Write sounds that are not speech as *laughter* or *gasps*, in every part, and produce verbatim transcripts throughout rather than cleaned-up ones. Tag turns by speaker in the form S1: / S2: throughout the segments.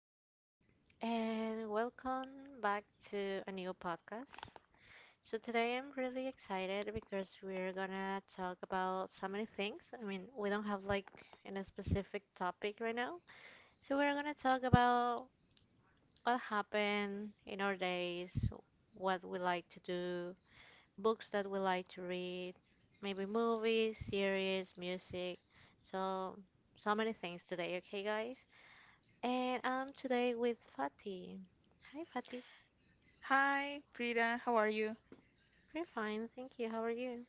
S1: everyone, and welcome back to a new podcast. So, today I'm really excited because we're gonna talk about so many things. I mean, we don't have like any specific topic right now, so we're gonna talk about what happened in our days, what we like to do, books that we like to read, maybe movies, series, music. So, so many things today, okay, guys? And I'm today with Fatih. Hi, Fatih.
S2: Hi, Frida. How are you?
S1: Pretty fine, thank you. How are you?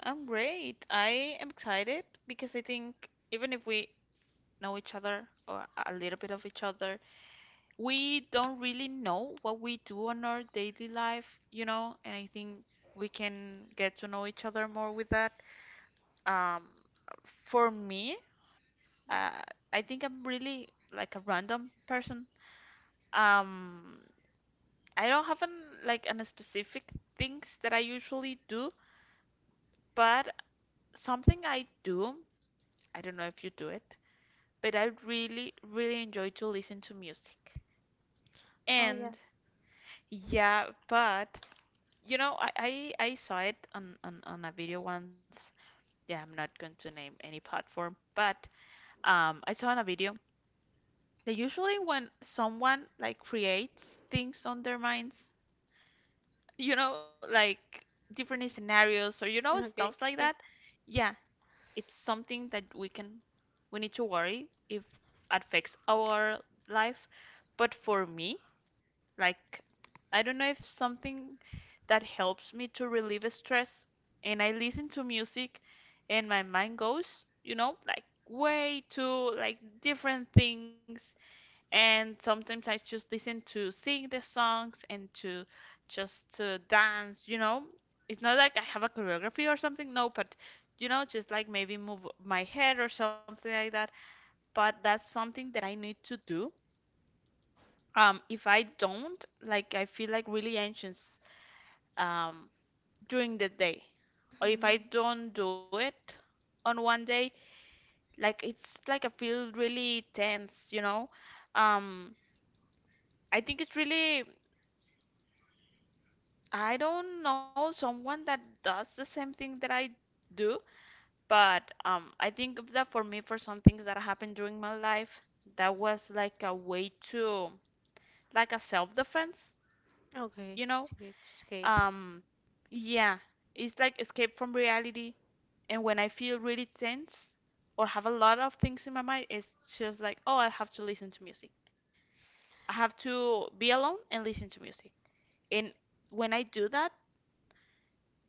S2: I'm great. I am excited because I think even if we know each other or a little bit of each other, we don't really know what we do on our daily life, you know, and I think we can get to know each other more with that. Um, for me, uh, I think I'm really like a random person. Um, I don't have an like an specific things that I usually do, but something I do, I don't know if you do it, but I really, really enjoy to listen to music.
S1: Oh, yeah.
S2: And yeah, but you know, I, I, I saw it on, on, on a video once. Yeah, I'm not going to name any platform, but um, I saw in a video that usually when someone like creates things on their minds, you know, like different scenarios or you know,
S1: Okay,
S2: stuff like
S1: yeah.
S2: that, yeah, it's something that we can we need to worry if affects our life, but for me, like, I don't know, if something that helps me to relieve stress, and I listen to music, and my mind goes, you know like way to like different things. And sometimes I just listen to sing the songs and to just to dance, you know. It's not like I have a choreography or something, no, but you know, just like maybe move my head or something like that. But that's something that I need to do. Um, if I don't, like I feel like really anxious um during the day. Or if
S1: Mhm.
S2: I don't do it on one day, like it's like I feel really tense, you know. Um, I think it's really, I don't know someone that does the same thing that I do, but um, I think of that for me, for some things that happened during my life, that was like a way to like a self-defense, you
S1: Okay,
S2: know?
S1: to, to escape.
S2: Um, yeah, it's like escape from reality. And when I feel really tense or have a lot of things in my mind, it's just like, oh, I have to listen to music. I have to be alone and listen to music. And when I do that,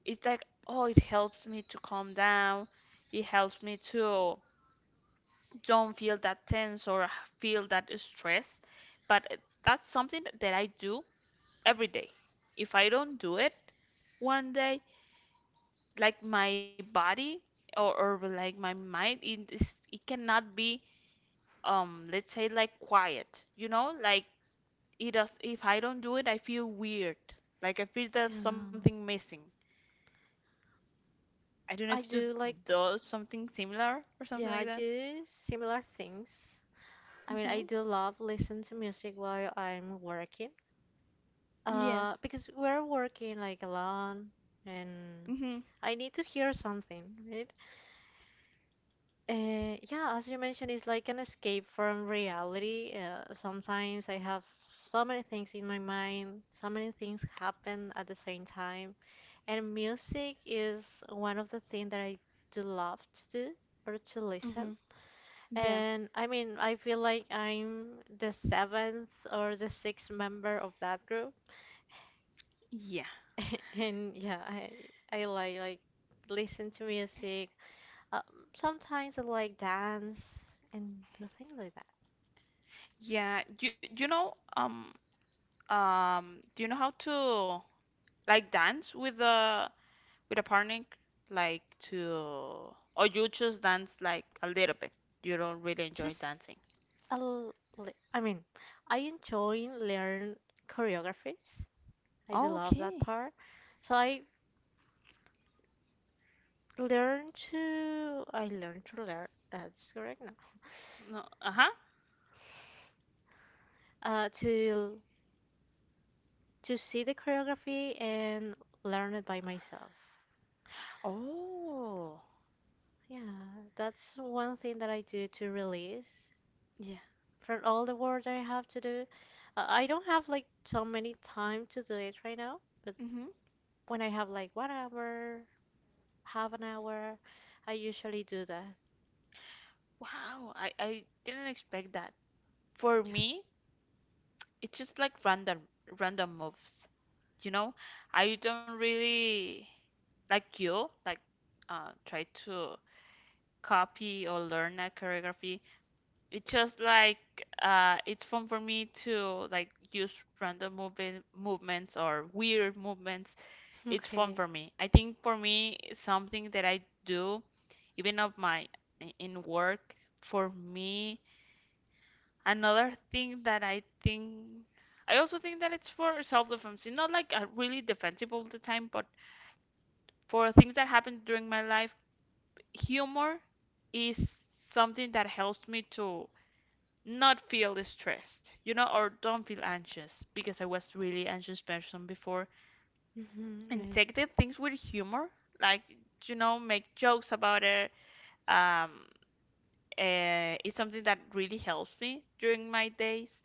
S2: it's like, oh, it helps me to calm down, it helps me to don't feel that tense or feel that stress, but it- that's something that I do every day. If I don't do it one day, like my body, or, or like my mind, it, is, it cannot be, um let's say, like quiet, you know. Like it does, if I don't do it, I feel weird, like I feel there's something
S1: Um,
S2: missing. I don't know
S1: I
S2: if you
S1: do like,
S2: do something similar or
S1: yeah,
S2: something
S1: I
S2: like that.
S1: do similar things. I mean, I
S2: Mm-hmm.
S1: do love listen to music while I'm working.
S2: Yeah.
S1: Uh, because we're working like alone, and
S2: Mm-hmm.
S1: I need to hear something, right? Uh, yeah, as you mentioned, it's like an escape from reality. Uh, sometimes I have so many things in my mind, so many things happen at the same time. And music is one of the things that I do love to do or to listen.
S2: Mm-hmm. Yeah.
S1: And I mean, I feel like I'm the seventh or the sixth member of that group. *laughs*
S2: Yeah.
S1: And yeah, I I like like listen to music. Uh, Sometimes I like dance and do things like that.
S2: Yeah. You you know um um do you know how to like dance with a with a partner, like, to, or you just dance like a little bit? You don't really enjoy
S1: Just
S2: dancing.
S1: a l- li- I mean, I enjoy learn choreographies. I do
S2: Oh,
S1: love that
S2: okay.
S1: part. So I learn to I learn to learn. That's correct now.
S2: No. Uh-huh.
S1: Uh, to to see the choreography and learn it by myself.
S2: Oh.
S1: Yeah, that's one thing that I do to release
S2: Yeah.
S1: from all the work that I have to do. Uh, I don't have like so many time to do it right now, but
S2: Mm-hmm.
S1: when I have like one hour half an hour. I usually do that.
S2: Wow. I I didn't expect that. For
S1: *laughs*
S2: me, it's just like random random moves, you know, I don't really like you, like, uh try to copy or learn a choreography. It's just like, uh it's fun for me to like use random moving movements or weird movements.
S1: Yeah.
S2: It's fun
S1: Okay.
S2: for me. I think for me it's something that I do even of my in work for me. Another thing that I think, I also think that it's for self-defense. It's not like uh, really defensive all the time, but for things that happened during my life, humor is something that helps me to not feel stressed, you know, or don't feel anxious because I was really anxious person before.
S1: Mm-hmm.
S2: And
S1: Right.
S2: take the things with humor, like, you know, make jokes about it. Um, uh, it's something that really helps me during my days.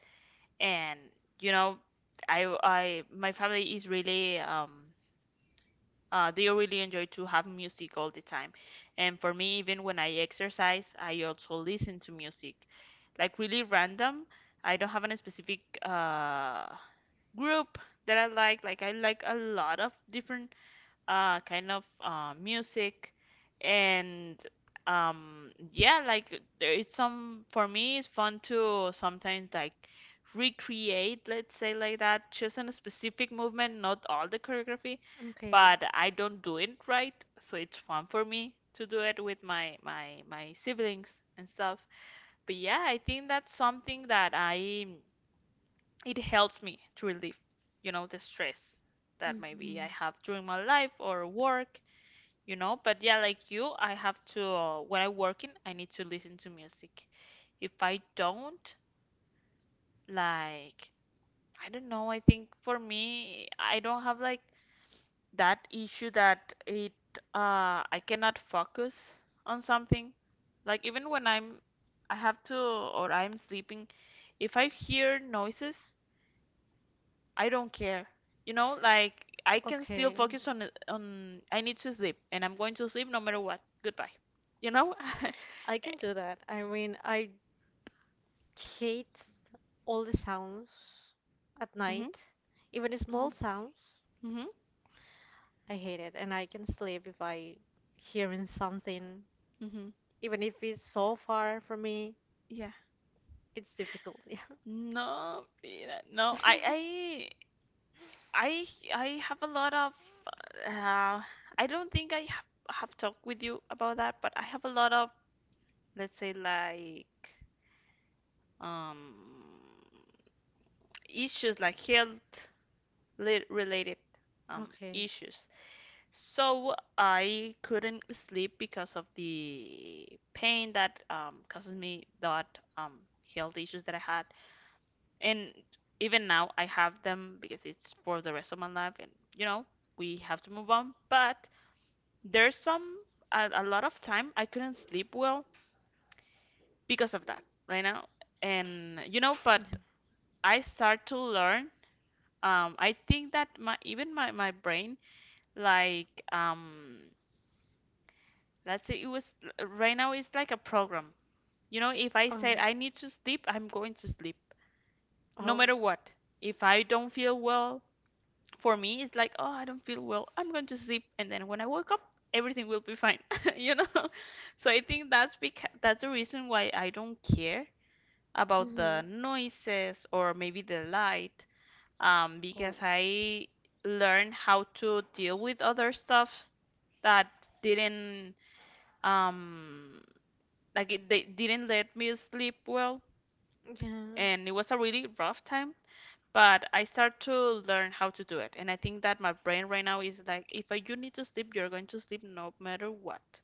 S2: And, you know i i my family is really um uh, they really enjoy to have music all the time. And for me, even when I exercise, I also listen to music, like really random. I don't have any specific uh group that i like like I like a lot of different uh kind of uh music. And um yeah, like there is some, for me it's fun to sometimes like recreate, let's say like that, just in a specific movement, not all the choreography.
S1: Okay.
S2: But I don't do it right, so it's fun for me to do it with my my my siblings and stuff. But yeah, I think that's something that I it helps me to relieve, you know the stress that maybe I
S1: Mm-hmm.
S2: have during my life or work, you know. But yeah, like you, I have to uh, when I working, I need to listen to music. If I don't, like I don't know, I think for me, I don't have like that issue, that it, uh I cannot focus on something. Like even when I'm, I have to, or I'm sleeping, if I hear noises, I don't care, you know. Like I can still
S1: Okay.
S2: focus on it- on I need to sleep, and I'm going to sleep no matter what. Goodbye, you know. *laughs*
S1: I can do that. I mean, I hate all the sounds at
S2: Mhm.
S1: night, even the small
S2: Mhm.
S1: sounds.
S2: Mhm.
S1: I hate it, and I can sleep if I hearing something,
S2: Mhm.
S1: even if it's so far from me.
S2: Yeah.
S1: It's difficult. Yeah.
S2: No, yeah, no. I
S1: *laughs*
S2: I I I have a lot of, uh I don't think I have, have talked with you about that, but I have a lot of, let's say like, um issues, like health li- related um
S1: Okay.
S2: issues. So I couldn't sleep because of the pain that um causes me, that um health issues that I had. And even now, I have them because it's for the rest of my life, and you know, we have to move on. But there's some, a, a lot of time I couldn't sleep well because of that right now. And you know, but I start to learn. Um, I think that my, even my my brain, like um, let's say it was, right now, it's like a program. You know, if I said
S1: Okay.
S2: I need to sleep, I'm going to sleep no
S1: Oh.
S2: matter what. If I don't feel well, for me it's like, oh, I don't feel well, I'm going to sleep, and then when I wake up, everything will be fine. *laughs* You know, so I think that's, because that's the reason why I don't care about the
S1: Mm-hmm.
S2: noises, or maybe the light. Um, because
S1: Oh.
S2: I learned how to deal with other stuff that didn't, um, like it, they didn't let me sleep well.
S1: Yeah.
S2: And it was a really rough time. But I start to learn how to do it. And I think that my brain right now is like, if I, you need to sleep, you're going to sleep no matter what.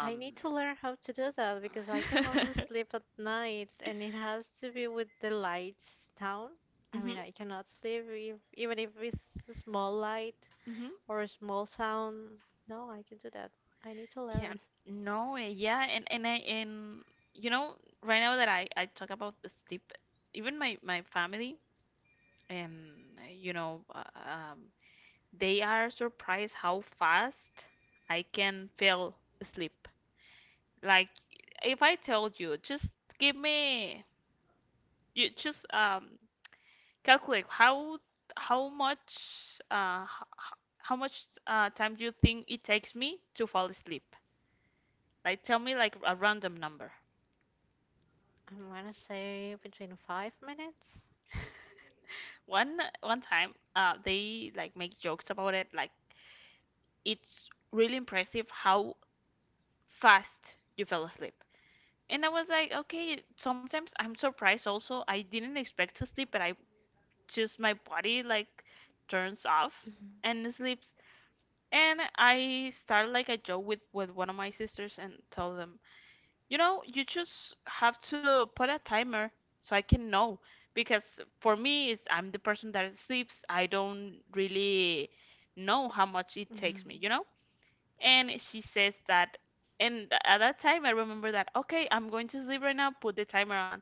S1: I need to learn how to do that because
S2: *laughs* mhm.
S1: I can only sleep at night and it has to be with the lights down. I mean, I cannot sleep if, even if it's a small light
S2: Mhm.
S1: or a small sound. No, I can do that. I need to
S2: Yeah.
S1: learn.
S2: No. Eh, yeah. And and I and you know, right now that I I talk about the sleep, even my my family, and eh, you know, uh, um, they are surprised how fast I can fall asleep. Like if I told you, just give me you just, um calculate how how much uh h- how much uh time do you think it takes me to fall asleep? Like tell me like a random number.
S1: *laughs* I'm gonna say between five minutes.
S2: One one time, uh they like make jokes about it, like, it's really impressive how fast you fell asleep. And I was like, okay, sometimes I'm surprised also. I didn't expect to sleep, but I just my body like turns off
S1: Mhm.
S2: and sleeps. And I started like a joke with, with one of my sisters, and tell them, you know, you just have to put a timer so I can know. Because for me, is I'm the person that sleeps. I don't really know how much it
S1: Yeah,
S2: takes me, you know? And she says that, and th- at that time, I remember that, okay, I'm going to sleep right now, put the timer on.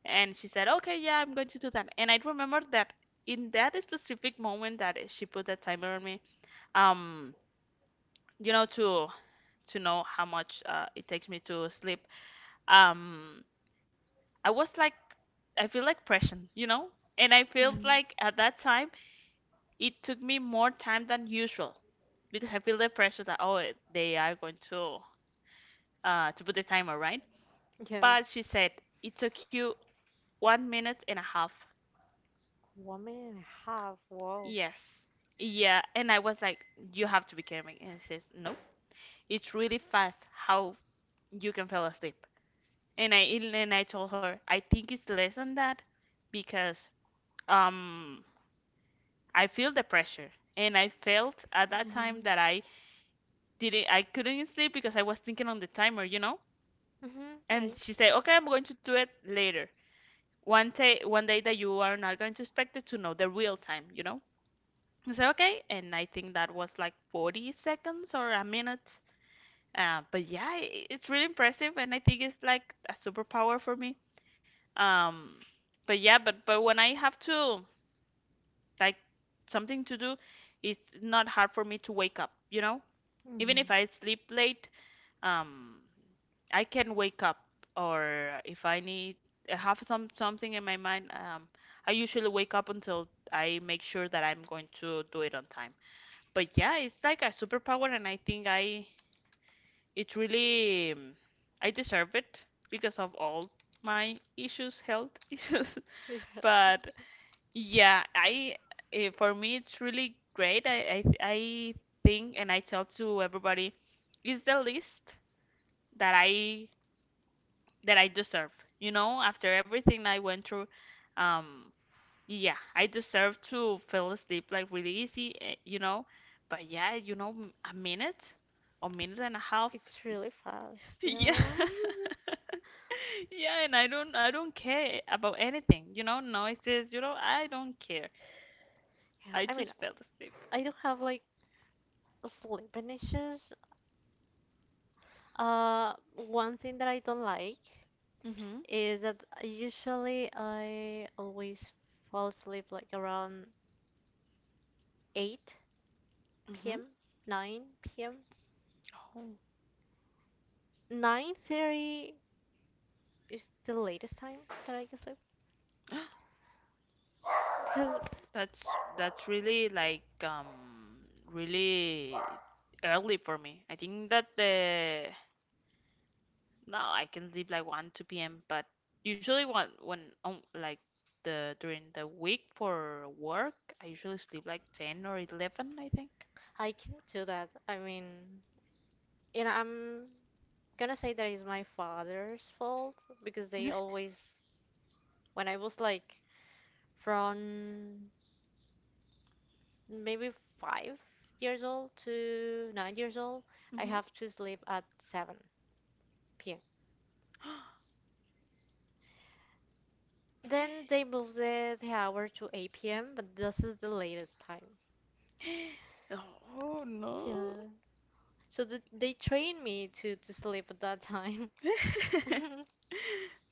S2: And she said, okay, yeah, I'm going to do that. And I remember that in that specific moment that she put the timer on me, um, you know, to to know how much, uh, it takes me to sleep. Um, I was like, I feel like pressing, you know? And I
S1: yeah,
S2: felt like at that time, it took me more time than usual, because I feel the pressure that, oh, it- they are going to, uh, to put the timer, right?
S1: yes.
S2: But she said, it took you one minute and a half.
S1: One minute and a half. Whoa.
S2: Yes. Yeah. And I was like, you have to be kidding me. And she says, no, it's really fast how you can fall asleep. And I and I told her I think it's less than that, because um I feel the pressure, and I felt at that
S1: Yeah.
S2: time that I didn't I couldn't sleep because I was thinking on the timer, you know?
S1: Mm-hmm. I,
S2: And she said, "Okay, I'm going to do it later. One day one day that you are not going to expect it to know the real time, you know?" I said, "Okay." And I think that was like 40 seconds or a minute. Uh, but yeah, I it's really impressive, and I think it's like a superpower for me. Um, but yeah, but but when I have to, like, something to do, it's not hard for me to wake up, you know?
S1: yeah.
S2: Even
S1: *laughs*
S2: if I sleep late, um, I can wake up. Or if I need, I have some something in my mind, um, I usually wake up until I make sure that I'm going to do it on time. But yeah, it's like a superpower, and I think I it really um, I deserve it because of all my issues, health *laughs* issues.
S1: Yeah,
S2: But yeah, I eh, for me it's really great. I, I I think, and I tell to everybody, it's the least that I that I deserve. You know, after everything I went through, um, yeah, I deserve to fall asleep like really easy. eh, You know, but yeah, you know, m- a minute, a minute and a half
S1: it's
S2: is
S1: really fast.
S2: *laughs* yeah.
S1: Yeah. *laughs*
S2: *laughs* Yeah, and I don't I don't care about anything. You know, noises, you know, I don't care.
S1: Yeah,
S2: I
S1: I mean,
S2: just fell asleep.
S1: I don't have like sleeping issues. Uh, one thing that I don't like
S2: Mhm.
S1: is that usually I always fall asleep like around 8
S2: Mhm.
S1: p.m., nine p m
S2: Oh.
S1: nine thirty is the latest time that I can sleep
S2: *gasps*
S1: because
S2: That's that's really like, um really early for me. I think that the no, I can sleep like one, two p m. But usually when when um, like the during the week for work, I usually sleep like ten or eleven, I think.
S1: I can do that. I mean, and I'm gonna say that is my father's fault because they
S2: *laughs*
S1: always, when I was like from maybe five years old to nine years old, I
S2: Mhm.
S1: have to sleep at seven p m.
S2: *gasps*
S1: Then they moved the, the hour to eight p m, but this is the latest time.
S2: Oh no.
S1: Yeah. So th they train me to, to sleep at that time. *laughs*
S2: *laughs*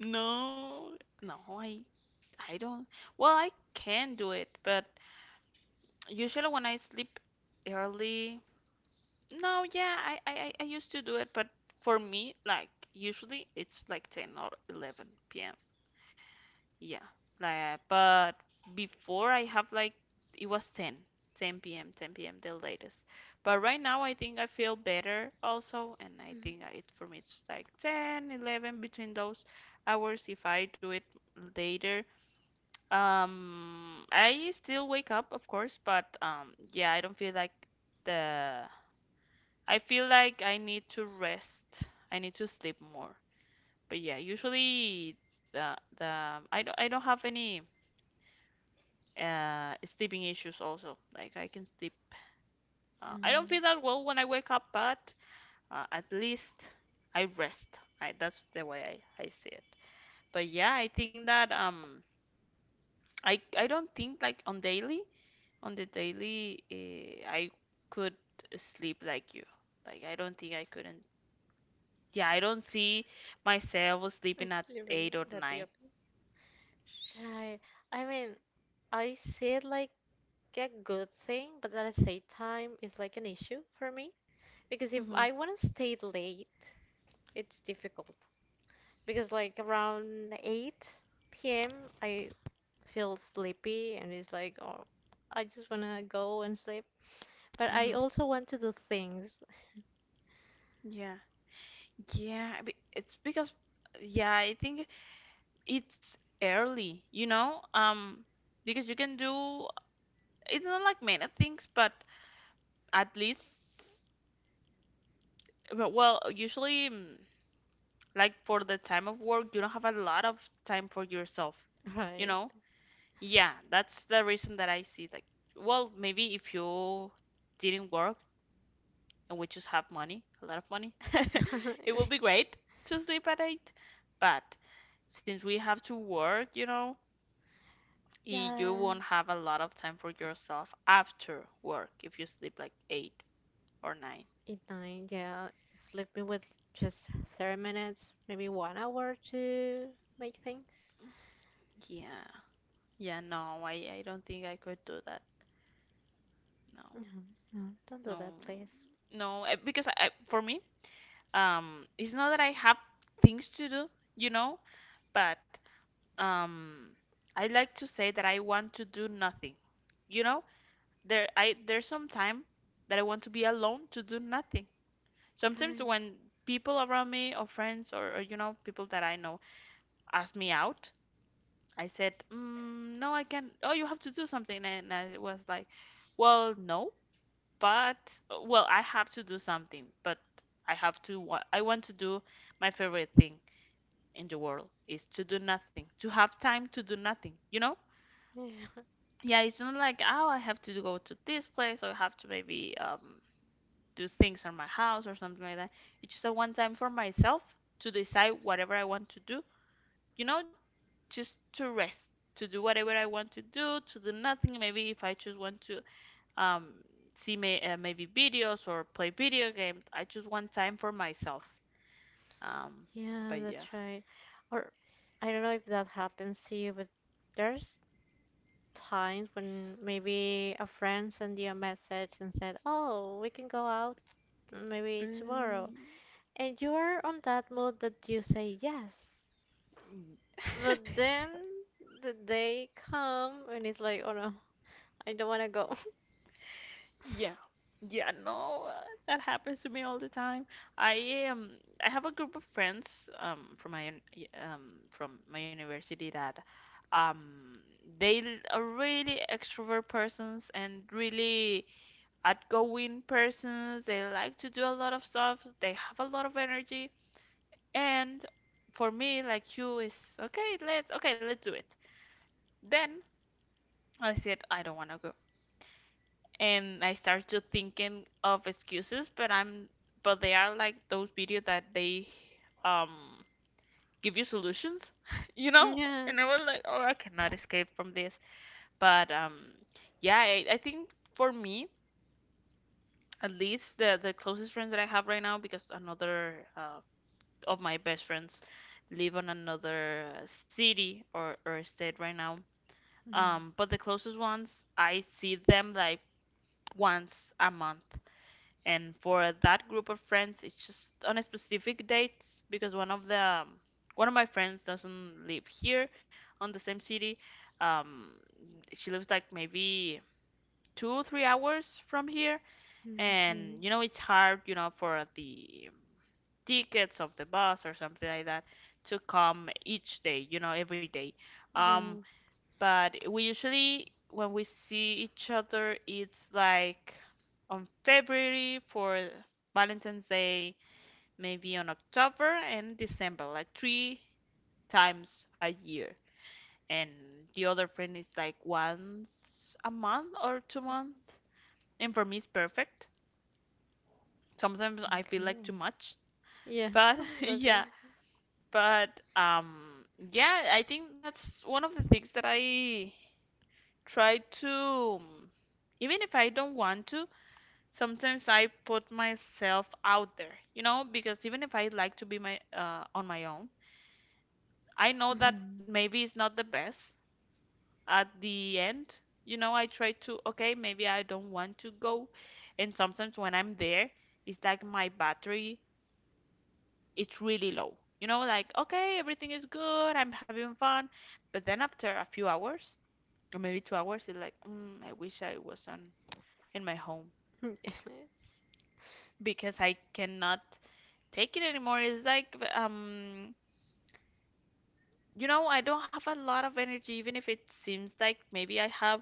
S2: No, no, I I don't. Well, I can do it, but usually when I sleep early, no, yeah, I, I, I I used to do it, but for me, like, usually it's like ten or eleven p m. Yeah, like, but before I have like it was ten, ten p m, ten p m the latest. But right now I think I feel better also, and I
S1: Mm,
S2: think I- it for me it's like ten, eleven between those hours. If I do it later, um, I still wake up, of course, but um, yeah, I don't feel like the. I feel like I need to rest. I need to sleep more. But yeah, usually the the I don't I don't have any uh sleeping issues also. Like, I can sleep. Uh,
S1: yeah.
S2: I don't feel that well when I wake up, but uh, at least I rest. I, that's the way I I see it. But yeah, I think that um I I don't think like on daily. On the daily, eh, I could sleep like you. Like, I don't think I couldn't. Yeah, I don't see myself
S1: I
S2: sleeping at
S1: sleep in
S2: eight or
S1: that day.
S2: nine.
S1: Shy. I mean, I see it like a good thing, but at the same time, it's like an issue for me. Because if
S2: Mhm.
S1: I want to stay late, it's difficult. Because like around eight p m. I feel sleepy and it's like oh I just wanna go and sleep. But I
S2: Mhm.
S1: also want to do things,
S2: Yeah. Yeah. I be- It's because, yeah, I think it's early. You know, um, because you can do. It's not like many things, but at least, but, well, usually, mm, like, for the time of work, you don't have a lot of time for yourself.
S1: *laughs*
S2: You
S1: right?
S2: know.
S1: *laughs*
S2: Yeah, that's the reason that I see, like, well, maybe if you didn't work and we just have money, a lot of money, *laughs* it would be great to sleep at eight. But since we have to work, you know, y- you
S1: Yeah,
S2: won't have a lot of time for yourself after work if you sleep like eight or nine.
S1: at nine. Yeah. Sleeping with just thirty minutes, maybe one hour to make things.
S2: Yeah. Yeah, no, I, I don't think I could do that. No,
S1: No, no, don't do
S2: no,
S1: that, please.
S2: no, eh, because I, I- for me, um, it's not that I have things to do, you know, but um I like to say that I want to do nothing. You know, there I there's some time that I want to be alone to do nothing. Sometimes
S1: Right.
S2: when people around me, or friends, or, or you know, people that I know ask me out, I said, mm, "No, I can. Not. Oh, you have to do something." And I was like, "Well, no, but well, I have to do something, but I have to wa- I want to do my favorite thing in the world is to do nothing, to have time to do nothing, you know?"
S1: Yeah,
S2: Yeah, it's not like, oh, I have to go to this place, or I have to maybe um, do things on my house or something like that. It's just a one time for myself to decide whatever I want to do, you know, just to rest, to do whatever I want to do, to do nothing. Maybe if I just want to, um, see may, uh, maybe videos or play video games, I choose one time for myself. Um,
S1: *laughs* yeah,
S2: but yeah.
S1: that's right. Or I don't know if that happens to you, but there's times when maybe a friend sent you a message and said, "Oh, we can go out maybe tomorrow,"
S2: Mm.
S1: and you are on that mood that you say yes, but
S2: *laughs*
S1: then the day come and it's like, "Oh no, I don't want to go." *laughs*
S2: Yeah. Yeah, no, uh, that happens to me all the time. I am I have a group of friends um from my un- y- um from my university that um they l- are really extrovert persons and really outgoing persons. They like to do a lot of stuff. They have a lot of energy. And for me, like you, is okay, let okay, let's do it. Then I said I don't want to go, and I start to thinking of excuses, but I'm but they are like those videos that they um give you solutions, *laughs* you know?
S1: Yeah.
S2: And I was like, oh, I cannot escape from this. But um yeah, I, I think for me, at least, the the closest friends that I have right now, because another uh, of my best friends live on another city or or state right now.
S1: Mhm.
S2: Um but the closest ones, I see them like once a month. And for that group of friends, it's just on a specific dates because one of the um, one of my friends doesn't live here on the same city. Um, she lives like maybe two, three hours from here,
S1: Mm,
S2: and you know it's hard, you know, for the tickets of the bus or something like that to come each day, you know, every day.
S1: yeah, okay.
S2: Um, but we usually, when we see each other, it's like on February for Valentine's Day, maybe on October and December, like three times a year. And the other friend is like once a month or two
S1: Yeah,
S2: months. And for me it's perfect. Sometimes I feel like too
S1: okay.
S2: much.
S1: Yeah.
S2: But *laughs*
S1: *laughs* That's gonna.
S2: yeah, but um yeah, I think that's one of the things that I try to, um, even if I don't want to, sometimes I put myself out there, you know, because even if I like to be my uh, on my own, I know that
S1: Mhm.
S2: maybe it's not the best at the end. You know, I try to, okay, maybe I don't want to go. And sometimes when I'm there, it's like my battery, it's really low. You know, like, okay, everything is good, I'm having fun. But then after a few hours, or maybe two hours, it's like, mm, I wish I was on in my home
S1: *laughs* Yes.
S2: because I cannot take it anymore. It's like, um you know, I don't have a lot of energy even if it seems like maybe I have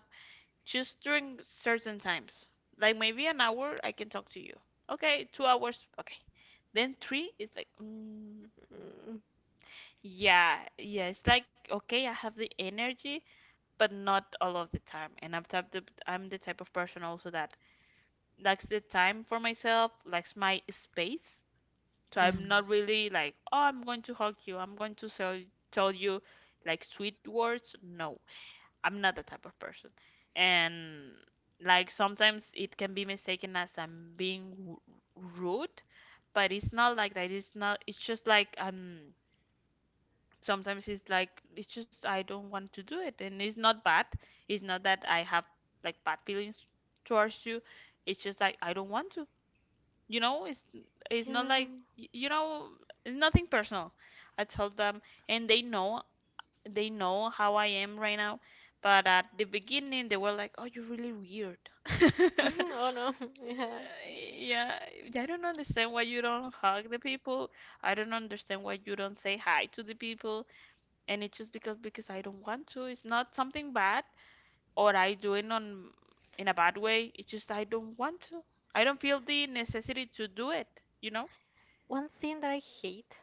S2: just during certain times. Like, maybe an hour I can talk to you. Okay, 2 hours. Okay. Then three is like, mm,
S1: Mm,
S2: yeah, yeah, it's like, okay, I have the energy, but not all of the time. And I'm type the, I'm the type of person also that likes the time for myself, likes my space. So
S1: yeah.
S2: I'm not really like, oh, I'm going to hug you. I'm going to sell, tell you, like, sweet words. No, I'm not that type of person. And, like, sometimes it can be mistaken as I'm being w- rude, but it's not like that. It's not. It's just like um. Sometimes it's like it's just I don't want to do it, and it's not bad. It's not that I have like bad feelings towards you. It's just like I don't want to. You know, it's it's not
S1: Yeah.
S2: like, y- you know, it's nothing personal. I told them, and they know they know how I am right now. But at the beginning they were like, oh, you're really weird.
S1: *laughs*
S2: *laughs*
S1: Oh no. *laughs* Yeah.
S2: Yeah, I don't understand why you don't hug the people. I don't understand why you don't say hi to the people. And it's just because because I don't want to. It's not something bad, or I do it on in a bad way. It's just I don't want to. I don't feel the necessity to do it, you know.
S1: One thing that I hate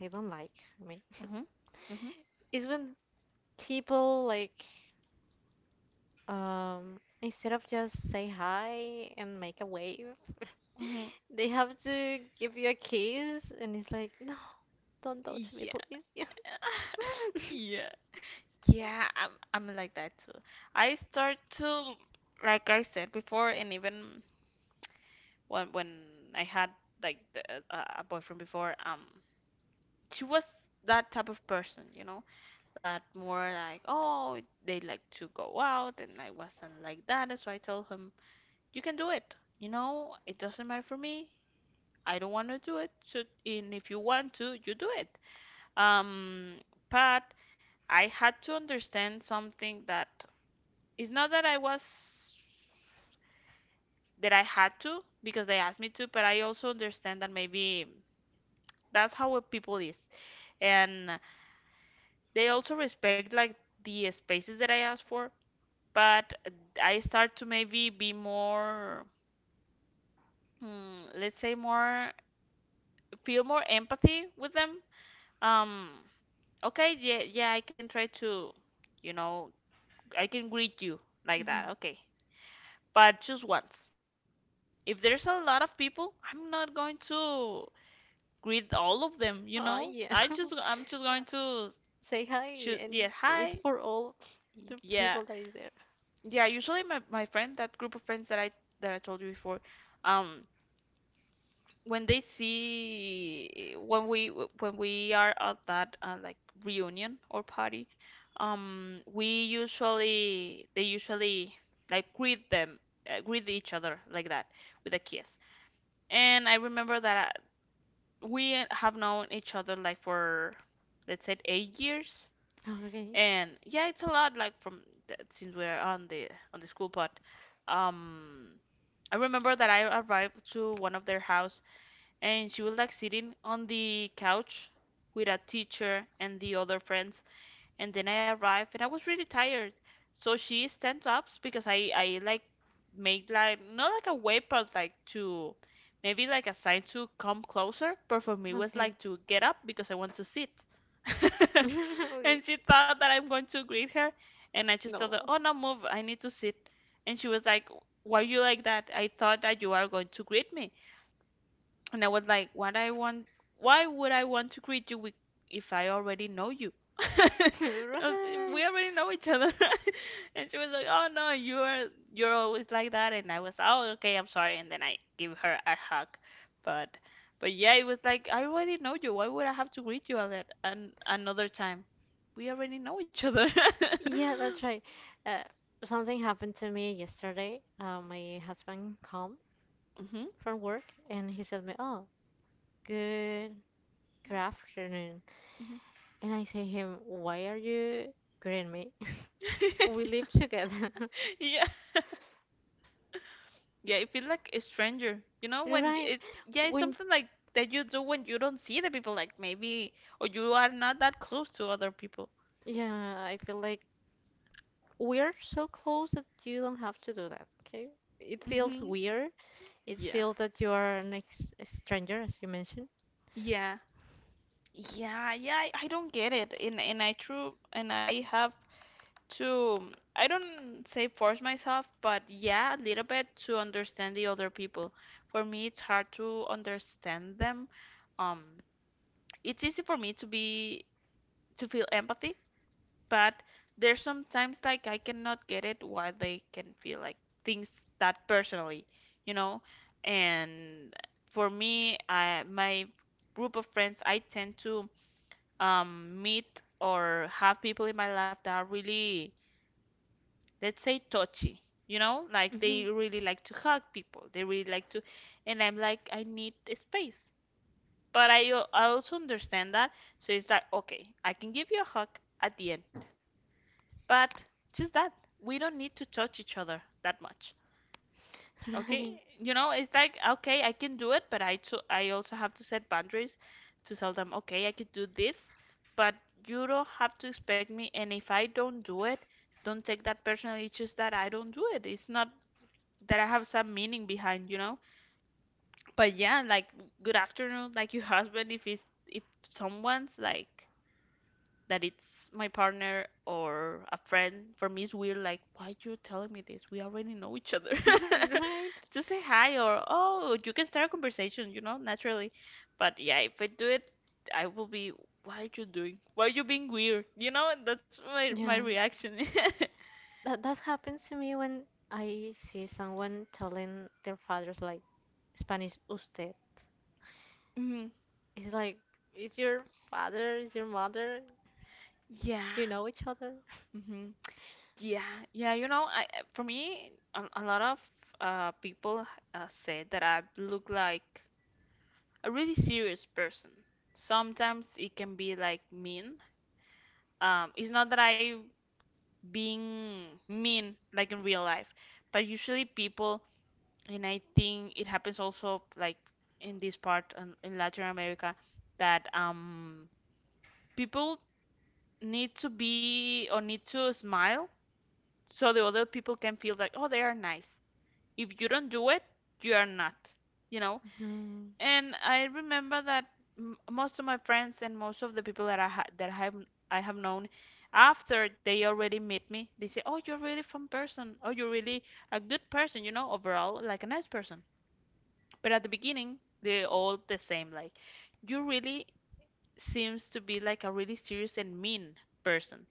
S1: I don't like. I mean,
S2: Mm-hmm. Mm-hmm.
S1: *laughs* is when people like um instead of just say hi and make a wave,
S2: Mm-hmm.
S1: *laughs* they have to give you a kiss, and it's like, no, don't touch me,
S2: Yeah.
S1: please. *laughs* Yeah.
S2: *laughs* Yeah. Yeah, I'm I'm like that too. I start to, like I said before, and even when when I had, like, the, uh, a boyfriend before, um she was that type of person, you know, that more like, oh, they like to go out, and I wasn't like that, so I told him, you can do it. You know, it doesn't matter for me. I don't want to do it. So, and if you want to, you do it. Um, but I had to understand something that it's not that I was that I had to because they asked me to, but I also understand that maybe that's how a people is, and they also respect like the spaces that I ask for. But I start to maybe be more, mm, let's say more, feel more empathy with them. Um, okay, yeah, yeah, I can try to, you know, I can greet you like that. Okay, but just once. If there's a lot of people, I'm not going to greet all of them, you
S1: Oh
S2: know?
S1: yeah.
S2: I
S1: *laughs*
S2: just I'm just going to
S1: Say hi,
S2: shoot, yeah,
S1: and it's
S2: hi.
S1: for all the
S2: Yeah.
S1: people that is there.
S2: Yeah, usually my, my friend, that group of friends that I that I told you before, um when they see when we when we are at that uh, like reunion or party, um we usually they usually like greet them uh, greet each other like that with a kiss. And I remember that uh, we have known each other like for, let's say, eight years.
S1: Okay,
S2: And yeah, it's a lot like from th- since we're on the on the school, but um, I remember that I arrived to one of their house and she was like sitting on the couch with a teacher and the other friends, and then I arrived and I was really tired. So she stands up because I I like made, like not like a wave but like to maybe like a sign to come closer, but for me it was
S1: okay,
S2: like to get up because I want to sit. *laughs*
S1: *laughs* okay.
S2: And she thought that I'm going to greet her and I just told her,
S1: No,
S2: "Oh no, move. I need to sit." And she was like, "Why are you like that? I thought that you are going to greet me." And I was like, what I want, why would I want to greet you with, if I already know you? *laughs* I
S1: *laughs*
S2: was- We
S1: right.
S2: already know each other. *laughs* And she was like, oh no, you're you're always like that. And I was, oh okay, I'm sorry. And then I give her a hug. But but yeah, it was like, I already know you. Why would I have to greet you all that an, another time? We already know each other. *laughs*
S1: Yeah, that's right. Uh, Something happened to me yesterday. Uh, my husband come
S2: Hmm.
S1: from work and he said me, "Oh, good, good afternoon."
S2: Hmm.
S1: And I say him, "Why are you greeting me? *laughs* We
S2: *laughs*
S1: live together, *laughs*
S2: Yeah. Yeah, it feels like a stranger. You know, when y-
S1: right?"
S2: it's, yeah, it's
S1: When
S2: something like that you do when you don't see the people, like maybe or you are not that close to other people.
S1: Yeah, I feel like we're so close that you don't have to do that. Okay, it feels
S2: Mm-hmm.
S1: weird. It
S2: Yeah.
S1: feels that you are an ex a stranger, as you mentioned.
S2: Yeah. Yeah, yeah, I, I don't get it. And and I true and I have to, I don't say force myself, but yeah, a little bit to understand the other people. For me, it's hard to understand them. Um, it's easy for me to be to feel empathy, but there's sometimes like I cannot get it why they can feel like things that personally, you know? And for me, I my group of friends, I tend to um meet or have people in my life that are really, let's say, touchy. You know, like
S1: Hmm.
S2: they really like to hug people. They really like to, and I'm like, I need a space. But I, al- I also understand that. So it's like, okay, I can give you a hug at the end. But just that, we don't need to touch each other that much.
S1: *laughs*
S2: Okay?
S1: Right,
S2: You know, it's like, okay, I can do it, but I too, I also have to set boundaries to tell them, okay, I could do this, but you don't have to expect me. And if I don't do it, don't take that personally. It's just that I don't do it. It's not that I have some meaning behind, you know? But yeah, like, good afternoon, like your husband, if he's, if someone's like, that it's my partner or a friend, for me it's weird. Like, why you telling me this? We already know each other. *laughs*
S1: *laughs* right.
S2: Just say hi or oh, you can start a conversation, you know, naturally. But yeah, if I do it, I will be. Why are you doing? Why are you being weird? You know, that's my my
S1: Yeah.
S2: reaction. *laughs*
S1: That that happens to me when I see someone telling their fathers like Spanish usted.
S2: Hmm.
S1: It's like is your father, is your mother?
S2: Yeah.
S1: Do you know each other? *laughs*
S2: Hmm. Yeah. Yeah. You know, I I- for me, a, a lot of uh, people uh, said that I look like a really serious person. Sometimes it can be like mean. Um, it's not that I being mean like in real life, but usually people, and I think it happens also like in this part in, in Latin America, that um people need to be or need to smile so the other people can feel like oh they are nice. If you don't do it, you are not. You know.
S1: No,
S2: And I remember that m- most of my friends and most of the people that I ha that I have I have known, after they already meet me, they say, "Oh, you're really fun person. Oh, you're really a good person, you know, overall, like a nice person." But at the beginning, they're all the same. Like, you really seems to be like a really serious and mean person.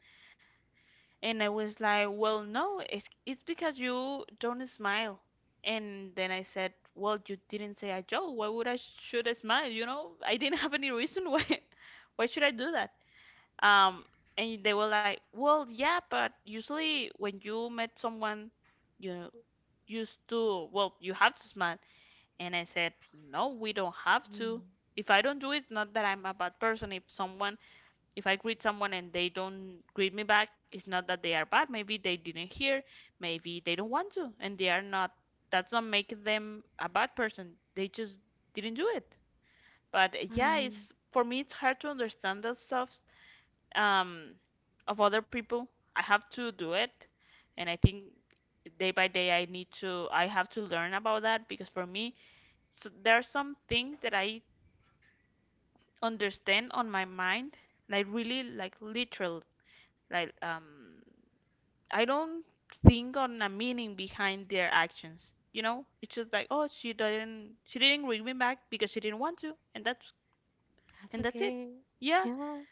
S2: And I was like, well, no, it's, it's because you don't smile. And then I said, well, you didn't say a joke. Why would I should I smile? You know, *laughs* I didn't have any reason why. *laughs* Why should I do that? Um, and they were like, well, yeah, but usually when you met someone, you used to, well, you have to smile. And I said, no, we don't have
S1: no.
S2: to. If I don't do it, it's not that I'm a bad person. If someone if I greet someone and they don't greet me back, it's not that they are bad. Maybe they didn't hear, maybe they don't want to, and they are not. That's not making them a bad person. They just didn't do it. But uh, yeah,
S1: Fine.
S2: it's for me it's hard to understand the stuff, um, of other people. I have to do it, and I think day by day I need to I have to learn about that, because for me, so there are some things that I understand on my mind like really like literal, like, um, I don't think on a meaning behind their actions. You know, it's just like, oh, she didn't, she didn't ring me back because she didn't want to, and that's,
S1: That's
S2: and that's it.
S1: okay.
S2: Yeah,
S1: Yeah.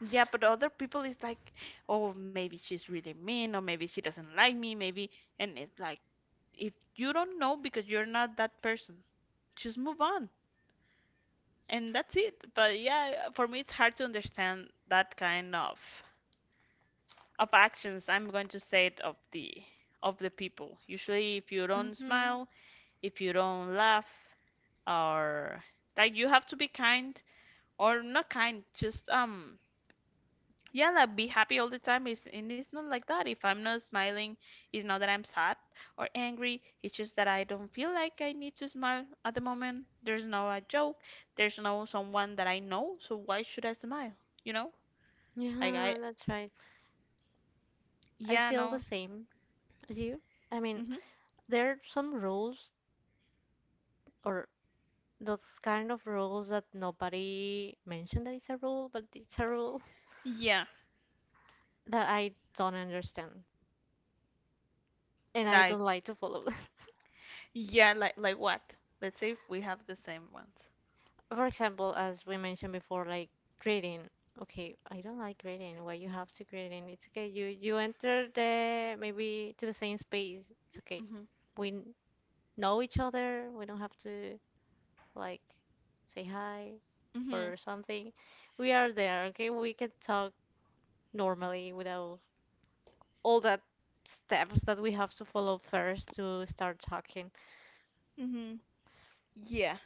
S2: yeah, but other people is like, oh, maybe she's really mean, or maybe she doesn't like me, maybe, and it's like, if you don't know because you're not that person, just move on, and that's it. But yeah, for me, it's hard to understand that kind of. of actions, I'm going to say it, of the of the people. Usually if you don't
S1: Mhm.
S2: smile, if you don't laugh, or like you have to be kind or not kind, just um yeah, like be happy all the time is, and it's not like that. If I'm not smiling, it's not that I'm sad or angry, it's just that I don't feel like I need to smile at the moment. There's no a joke, there's no someone that I know, so why should I smile? You know, like I,
S1: Yeah, that's right. I
S2: yeah,
S1: feel
S2: no.
S1: the same as you. I mean,
S2: Hmm.
S1: there are some rules or those kind of rules that nobody mentioned that it's a rule, but it's a rule
S2: Yeah,
S1: *laughs* that I don't understand. And I
S2: like,
S1: don't like to follow them.
S2: yeah, like like what? Let's say if we have the same ones.
S1: *laughs* For example, as we mentioned before, like grading. Okay, I don't like grading. Why you have to grading? It's okay. You you enter the maybe to the same space. It's okay.
S2: Mhm.
S1: We n- know each other. We don't have to like say hi
S2: Mhm.
S1: or something. We are there. Okay, we can talk normally without all that steps that we have to follow first to start talking.
S2: Mm-hmm. Yeah.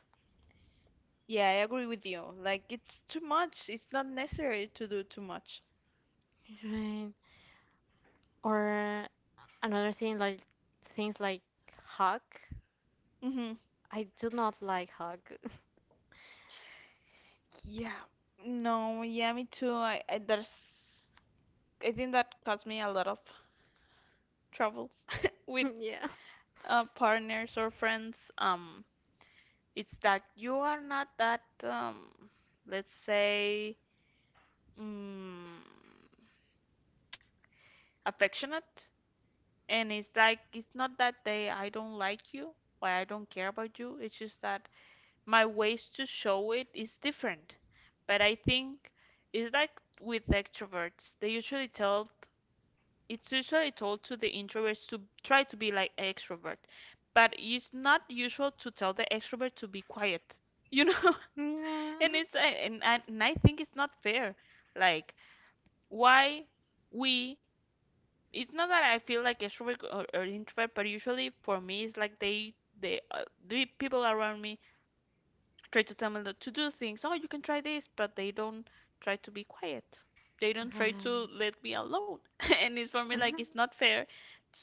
S2: Yeah, I agree with you. Like it's too much. It's not necessary to do too much.
S1: Right. Or another thing like things like hug.
S2: Mm-hmm.
S1: I do not like hug. *laughs*
S2: Yeah. No, yeah, me too. I, I there's I think that caused me a lot of troubles *laughs* with
S1: Yeah.
S2: uh partners or friends. Um it's that you are not that um let's say, mm affectionate. And it's like, it's not that they, I don't like you or I don't care about you. It's just that my ways to show it is different. But I think it's like with extroverts, they usually tell, it's usually told to the introverts to try to be like extrovert. But it's not usual to tell the extrovert to be quiet, you know? *laughs*
S1: Yeah.
S2: And it's, and, and, and I think it's not fair. Like, why we it's not that I feel like extrovert or, or introvert, but usually for me it's like they they uh, the people around me try to tell me that to do things. Oh, you can try this, but they don't try to be quiet. They don't try to
S1: Right.
S2: let me alone. *laughs* And it's for me like it's not
S1: *laughs*
S2: fair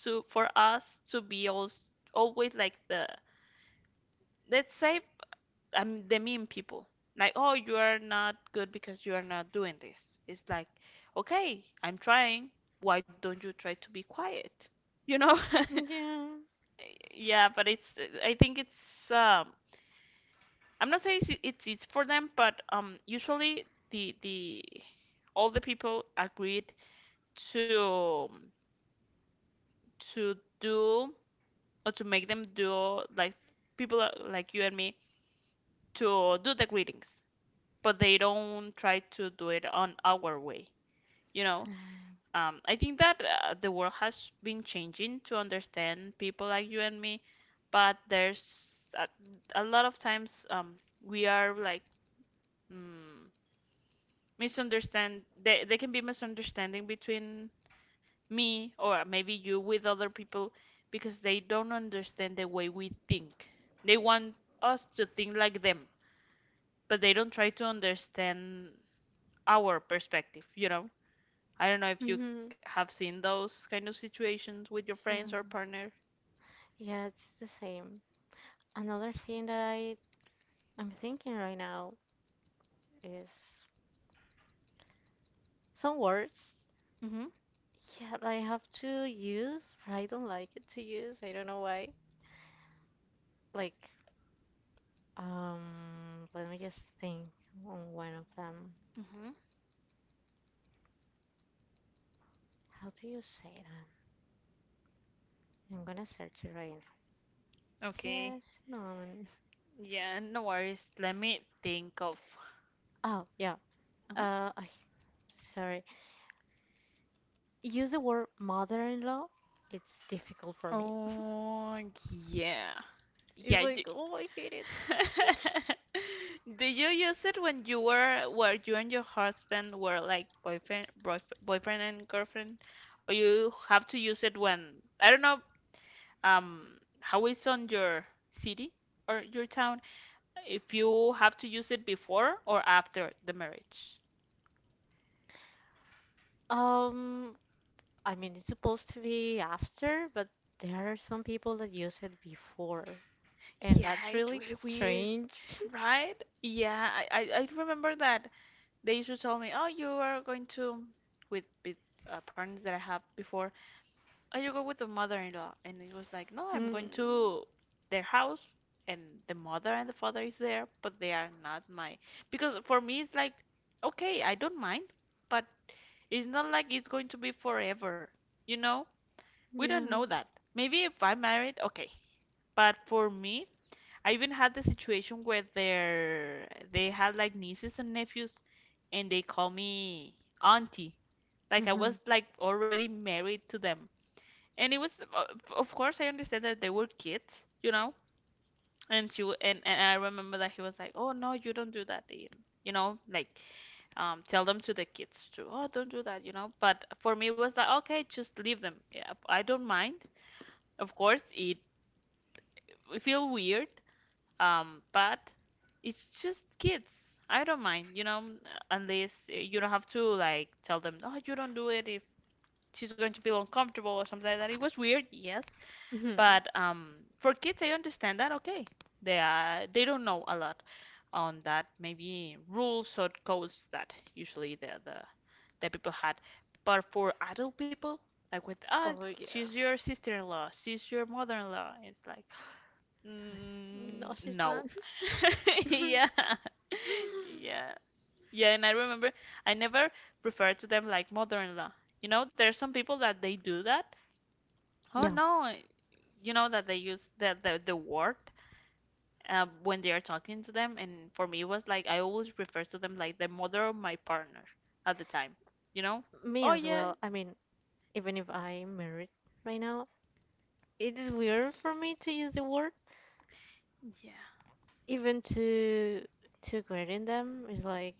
S2: to, for us to be all, always like the, let's say, um, the mean people. Like, oh, you are not good because you are not doing this. It's like, okay, I'm trying. Why don't you try to be quiet? You know? *laughs*
S1: Yeah.
S2: Yeah, but it's I think it's, um I'm not saying it's it's easy for them, but um usually the the all the people agreed to to do or to make them do, like people are- like you and me, to do the greetings, but they don't try to do it on our way. You know,
S1: Right.
S2: Um, I think that uh, the world has been changing to understand people like you and me, but there's a, a lot of times um, we are like mm, misunderstand. They they can be misunderstanding between me or maybe you with other people because they don't understand the way we think. They want us to think like them, but they don't try to understand our perspective, you know? I don't know if you
S1: Mm-hmm.
S2: have seen those kind of situations with your
S1: Yeah.
S2: friends or partner.
S1: Yeah, it's the same. Another thing that I I'm thinking right now is some words.
S2: Mm-hmm.
S1: Yeah, that I have to use, but I don't like it to use. I don't know why. Like, um, let me just think on one of them.
S2: Mm-hmm.
S1: How do you say that? I'm gonna search it right
S2: Okay.
S1: now. Just a moment.
S2: Yeah, no worries. Let me think of.
S1: Oh, yeah.
S2: Mhm.
S1: Uh, I, Sorry. Use the word mother-in-law. It's difficult for me. *laughs*
S2: Oh, yeah.
S1: It's
S2: Yeah. You...
S1: like, oh, I hate it.
S2: *laughs* Did you use it when you were, where you and your husband were like boyfriend, boyf- boyfriend and girlfriend, or you have to use it when, I don't know, um, how it's on your city or your town, if you have to use it before or after the marriage.
S1: Um, I mean, it's supposed to be after, but there are some people that use it before, and
S2: Yeah,
S1: that's
S2: it's
S1: really
S2: really weird,
S1: strange.
S2: right? Yeah, I, I, I remember that they used to tell me, oh, you are going to, with, with uh, partners that I have before, oh, you go with the mother-in-law. And it was like, no,
S1: *laughs*
S2: I'm
S1: Mm,
S2: going to their house, and the mother and the father is there, but they are not my. Because for me, it's like, okay, I don't mind, but it's not like it's going to be forever, you know? We don't
S1: yeah.
S2: know that. Maybe if I'm married, okay. But for me, I even had the situation where their they had like nieces and nephews and they call me auntie. Like I
S1: Hmm.
S2: was like already married to them. And it was o- of course I understand that they were kids, you know. And she w- and, and I remember that he was like, "Oh no, you don't do that." You you know, like um, tell them to the kids too. Oh, don't do that, you know. But for me, it was like, okay, just leave them. Yeah, I don't mind. Of course, it we feel weird, um, but it's just kids. I don't mind, you know, unless uh, you don't have to like tell them, oh, you don't do it if she's going to feel uncomfortable or something like that. It was weird, yes,
S1: Hmm.
S2: but um, for kids, I understand that. Okay, they are they don't know a lot on that. Maybe rules or codes that usually the the, the people had, but for adult people, like with ah,
S1: Oh,
S2: she's
S1: yeah.
S2: your sister-in-law, she's your mother-in-law. It's like mm,
S1: No, she's not.
S2: no. *laughs*
S1: *laughs*
S2: Yeah. Yeah. Yeah, and I remember I never refer to them like mother-in-law. You know, there's some people that they do that. Oh
S1: Yeah,
S2: no, I- you know that they use the the, the word uh, when they are talking to them, and for me it was like I always refer to them like the mother of my partner at the time. You know?
S1: me
S2: Oh
S1: as
S2: yeah,
S1: well. I mean, even if I'm married right now. It is weird for me to use the word,
S2: yeah.
S1: even to to greeting them. It's like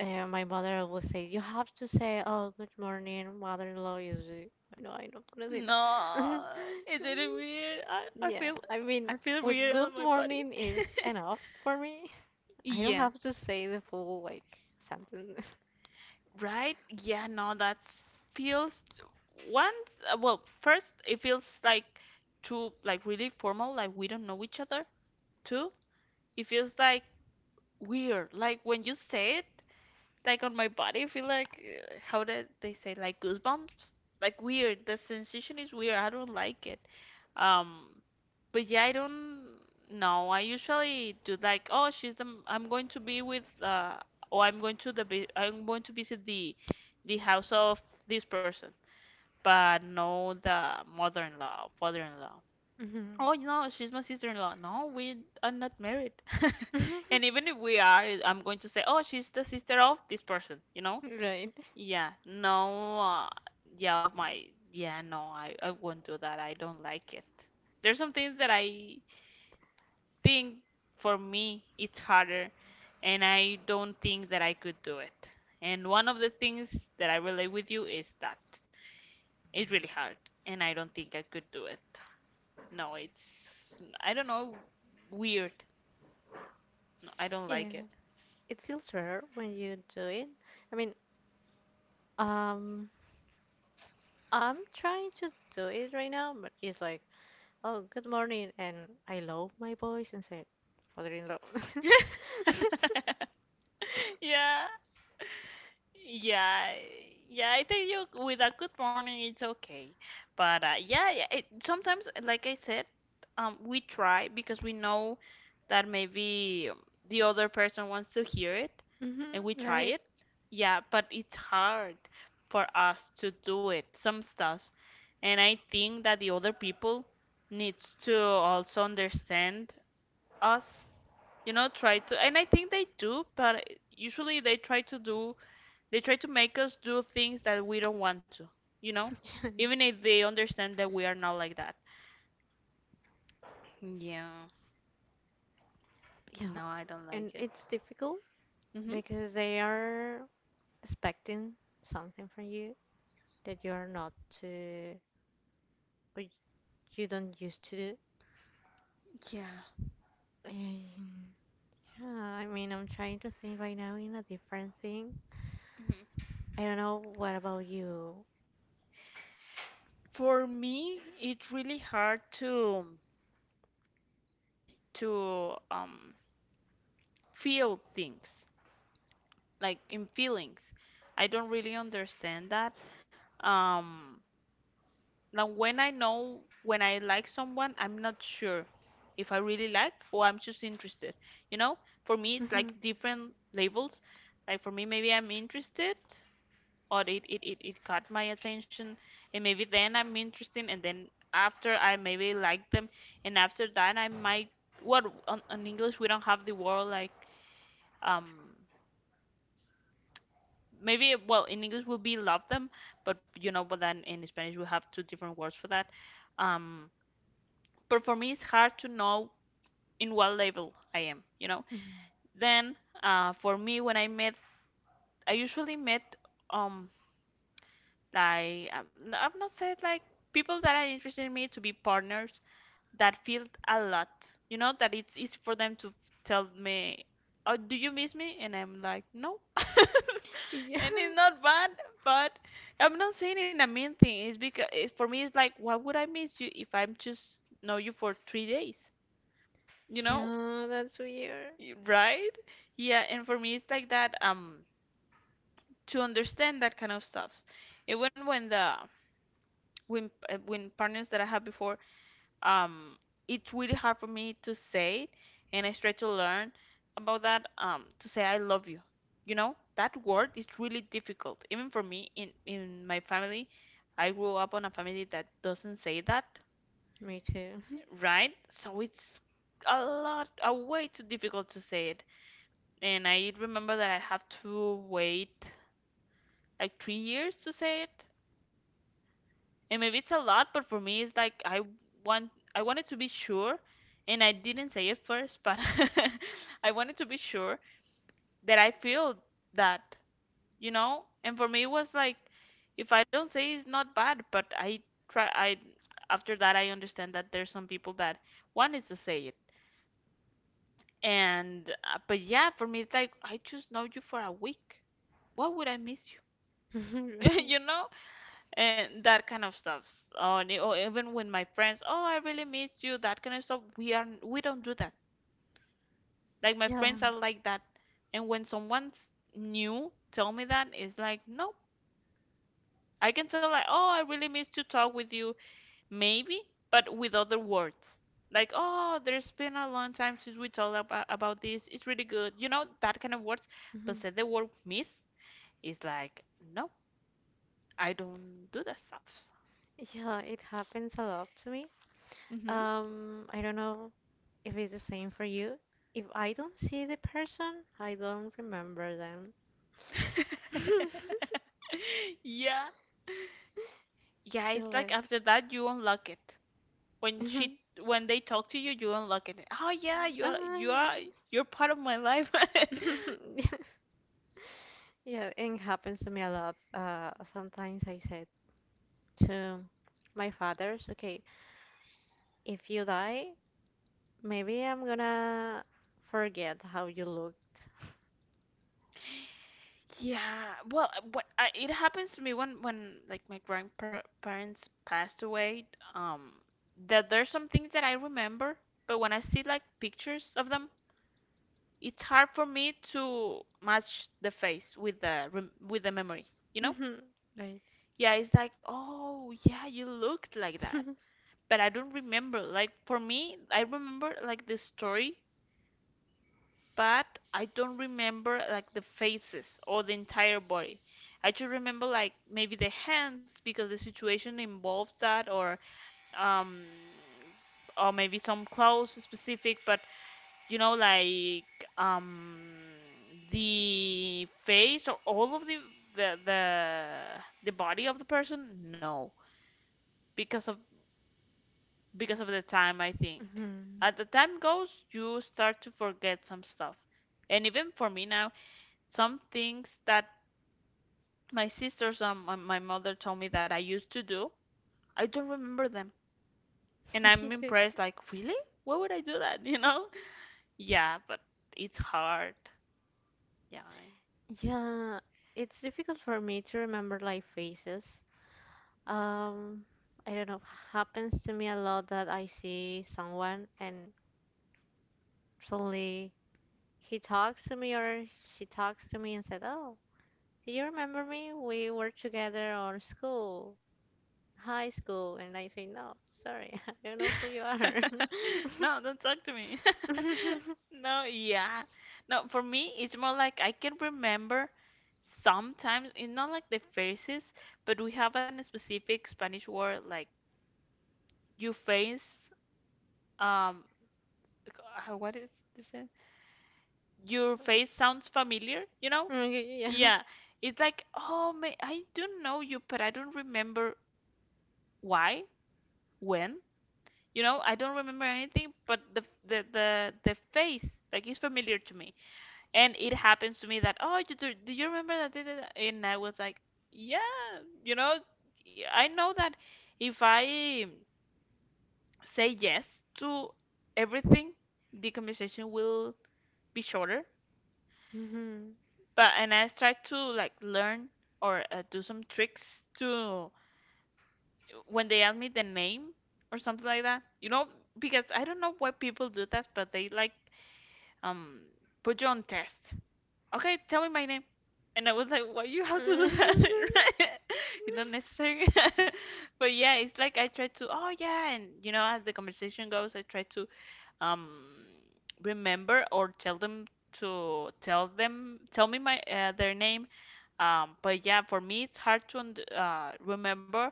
S1: uh, my mother always say, you have to say, "Oh, good morning, mother-in-law." Usually, I know I'm not gonna say
S2: No,
S1: that.
S2: it
S1: *laughs*
S2: didn't weird. I I
S1: Yeah,
S2: feel
S1: I mean,
S2: I feel
S1: with
S2: weird
S1: good
S2: on my body.
S1: morning is enough for me. I don't
S2: *laughs*
S1: have to say the full like sentence. *laughs*
S2: Right? Yeah, no, that feels once, uh, well, first it feels like too like really formal, like we don't know each other. Two, it feels like weird. Like when you say it, like on my body, I feel like uh, how did they say like goosebumps? Like weird. The sensation is weird. I don't like it. Um, but yeah, I don't know. I usually do like, oh, she's the, I'm going to be with, uh, or I'm going to the, vi- I'm going to visit the, the house of this person, but no, the mother-in-law, father-in-law.
S1: Mhm.
S2: Oh no, she's my sister-in-law. No, we are not married. *laughs* And
S1: *laughs*
S2: even if we are, I'm going to say, oh, she's the sister of this person, you know?
S1: Right.
S2: Yeah, no, uh, yeah, my, yeah, no, I, I won't do that. I don't like it. There's some things that I think for me it's harder, and I don't think that I could do it. And one of the things that I relate with you is that it's really hard, and I don't think I could do it. No, it's, I don't know, weird. No, I don't
S1: Yeah,
S2: like it.
S1: it feels rare when you do it. I mean, um, I'm trying to do it right now, but it's like, oh, good morning, and I love my voice and say, father-in-law. *laughs*
S2: *laughs* Yeah. Yeah, yeah, I think you with a good morning it's okay. But uh, yeah, yeah, it, sometimes, like I said, um, we try because we know that maybe um, the other person wants to hear it, and we
S1: Mm-hmm,
S2: try
S1: right.
S2: it. Yeah, but it's hard for us to do it, some stuff. And I think that the other people needs to also understand us, you know, try to, and I think they do, but usually they try to do they try to make us do things that we don't want to, you know? Even
S1: *laughs*
S2: if they understand that we are not like that. Yeah.
S1: Yeah,
S2: No, I don't
S1: and
S2: like it.
S1: it's difficult
S2: Mhm.
S1: because they are expecting something from you that you are not to, or you don't used to do.
S2: Yeah.
S1: And yeah, I mean, I'm trying to think right now in a different thing.
S2: Mhm.
S1: I don't know, what about you?
S2: For me, it's really hard to to um feel things, like in feelings. I don't really understand that. Um, Now, when I know when I like someone, I'm not sure if I really like or I'm just interested. You know, for me, it's like different labels. Like for me, maybe I'm interested or it, it, it, it caught my attention, and maybe then I'm interested, and then after I maybe like them, and after that, I might. What on, on English, we don't have the word like, um, maybe, well, in English will be love them, but you know, but then in Spanish, we have two different words for that. Um, but for me it's hard to know in what level I am, you know.
S1: *laughs*
S2: Then uh, for me, when I met, I usually met um like I'm n- I've not said like people that are interested in me to be partners that feel a lot, you know, that it's easy for them to tell me, "Oh, do you miss me?" And I'm like, "No," *laughs*
S1: Yeah.
S2: and it's not bad, but I'm not saying in a mean thing. It's because it's, for me, it's like, why would I miss you if I'm just know you for three days? You know,
S1: Yeah, that's weird.
S2: Y- Right? Yeah, and for me it's like that um to understand that kind of stuff. Even when the when uh, when partners that I had before um it's really hard for me to say it and I try to learn about that um to say I love you. You know, that word is really difficult. Even for me in in my family, I grew up on a family that doesn't say that,
S1: Me too. *laughs*
S2: right? So it's a lot a way too difficult to say it. And I remember that I have to wait like three years to say it. And maybe it's a lot, but for me, it's like I want I wanted to be sure, and I didn't say it first, but *laughs* I wanted to be sure that I feel that, you know? And for me, it was like if I don't say it's not bad, but I try I after that I understand that there's some people that one is to say it. And uh, but yeah, for me, it's like I just know you for a week. Why would I miss *laughs*
S1: Right.
S2: you know and that kind of stuff or, the- or even when my friends oh I really miss you that kind of stuff we are we don't do that like my
S1: Yeah.
S2: friends are like that and when someone's new tell me that it's like no I can tell like oh I really miss to talk with you maybe but with other words like oh there's been a long time since we talked about, about this it's really good you know that kind of words but
S1: Mhm.
S2: say the word miss It's like no I don't do that stuff
S1: Yeah, it happens a lot to me.
S2: Mm-hmm.
S1: Um, I don't know if it's the same for you. If I don't see the person, I don't remember them. *laughs*
S2: *laughs* Yeah. Yeah,
S1: It's
S2: it's like
S1: like,
S2: after that you unlock it. When she
S1: *laughs*
S2: when they talk to you, you unlock it. Oh yeah, you are
S1: ah,
S2: you
S1: yeah.
S2: are you're part of my life. *laughs*
S1: *laughs* Yes. Yeah, and it happens to me a lot. Uh, sometimes I said to my fathers, okay, if you die, maybe I'm gonna forget how you looked.
S2: Yeah. Well, uh, what I, it happens to me when when like my grandparents passed away, um that there's some things that I remember, but when I see like pictures of them, it's hard for me to match the face with the rem with the memory, you know?
S1: Mhm, right.
S2: Yeah, it's like, oh, yeah, you looked like that.
S1: *laughs*
S2: But I don't remember. Like, for me, I remember like the story, but I don't remember like the faces or the entire body. I just remember like maybe the hands because the situation involves that, or um, or maybe some clothes specific. But you know, like um, the face or all of the the the the body of the person, no because of because of the time, I think.
S1: Mhm.
S2: As the time goes, you start to forget some stuff. And even for me now, some things that my sisters and my my mother told me that I used to do, I don't remember them. And
S1: *laughs* Me
S2: I'm
S1: too.
S2: impressed, like, really? Why would I do that? *laughs* You know? Yeah, but it's hard. Yeah.
S1: Yeah, it's difficult for me to remember like faces. Um, I don't know. Happens to me a lot that I see someone and suddenly he talks to me or she talks to me and said, "Oh, do you remember me? We were together on school, high school." And I say, "No, sorry, *laughs* I don't know who you are."
S2: *laughs* No, don't talk to me. *laughs*
S1: *laughs*
S2: No, yeah. No, for me, it's more like I can remember sometimes, it's not like the faces, but we have a specific Spanish word like your face, um, uh, what is this? uh, Your face sounds familiar, you know?
S1: Okay, yeah. Yeah, yeah.
S2: Yeah. It's like, oh, may I do know you, but I don't remember why, when. You know, I don't remember anything, but the the the, the face like is familiar to me, and it happens to me that oh, you do, do you remember that? Da- da- da?" And I was like, yeah, you know, I know that if I say yes to everything, the conversation will be shorter.
S1: Mm-hmm.
S2: But and I try to like learn or uh, do some tricks to when they ask me the name or something like that. You know, because I don't know why people do that, but they like um put you on test. Okay, tell me my name. And I was like, why you have to do that? *laughs* Right? It's not
S1: *laughs*
S2: necessary. *laughs* But yeah, it's like I try to, oh yeah, and you know, as the conversation goes, I try to um remember or tell them to tell them tell me my uh, their name. Um, but yeah, for me it's hard to und- uh, remember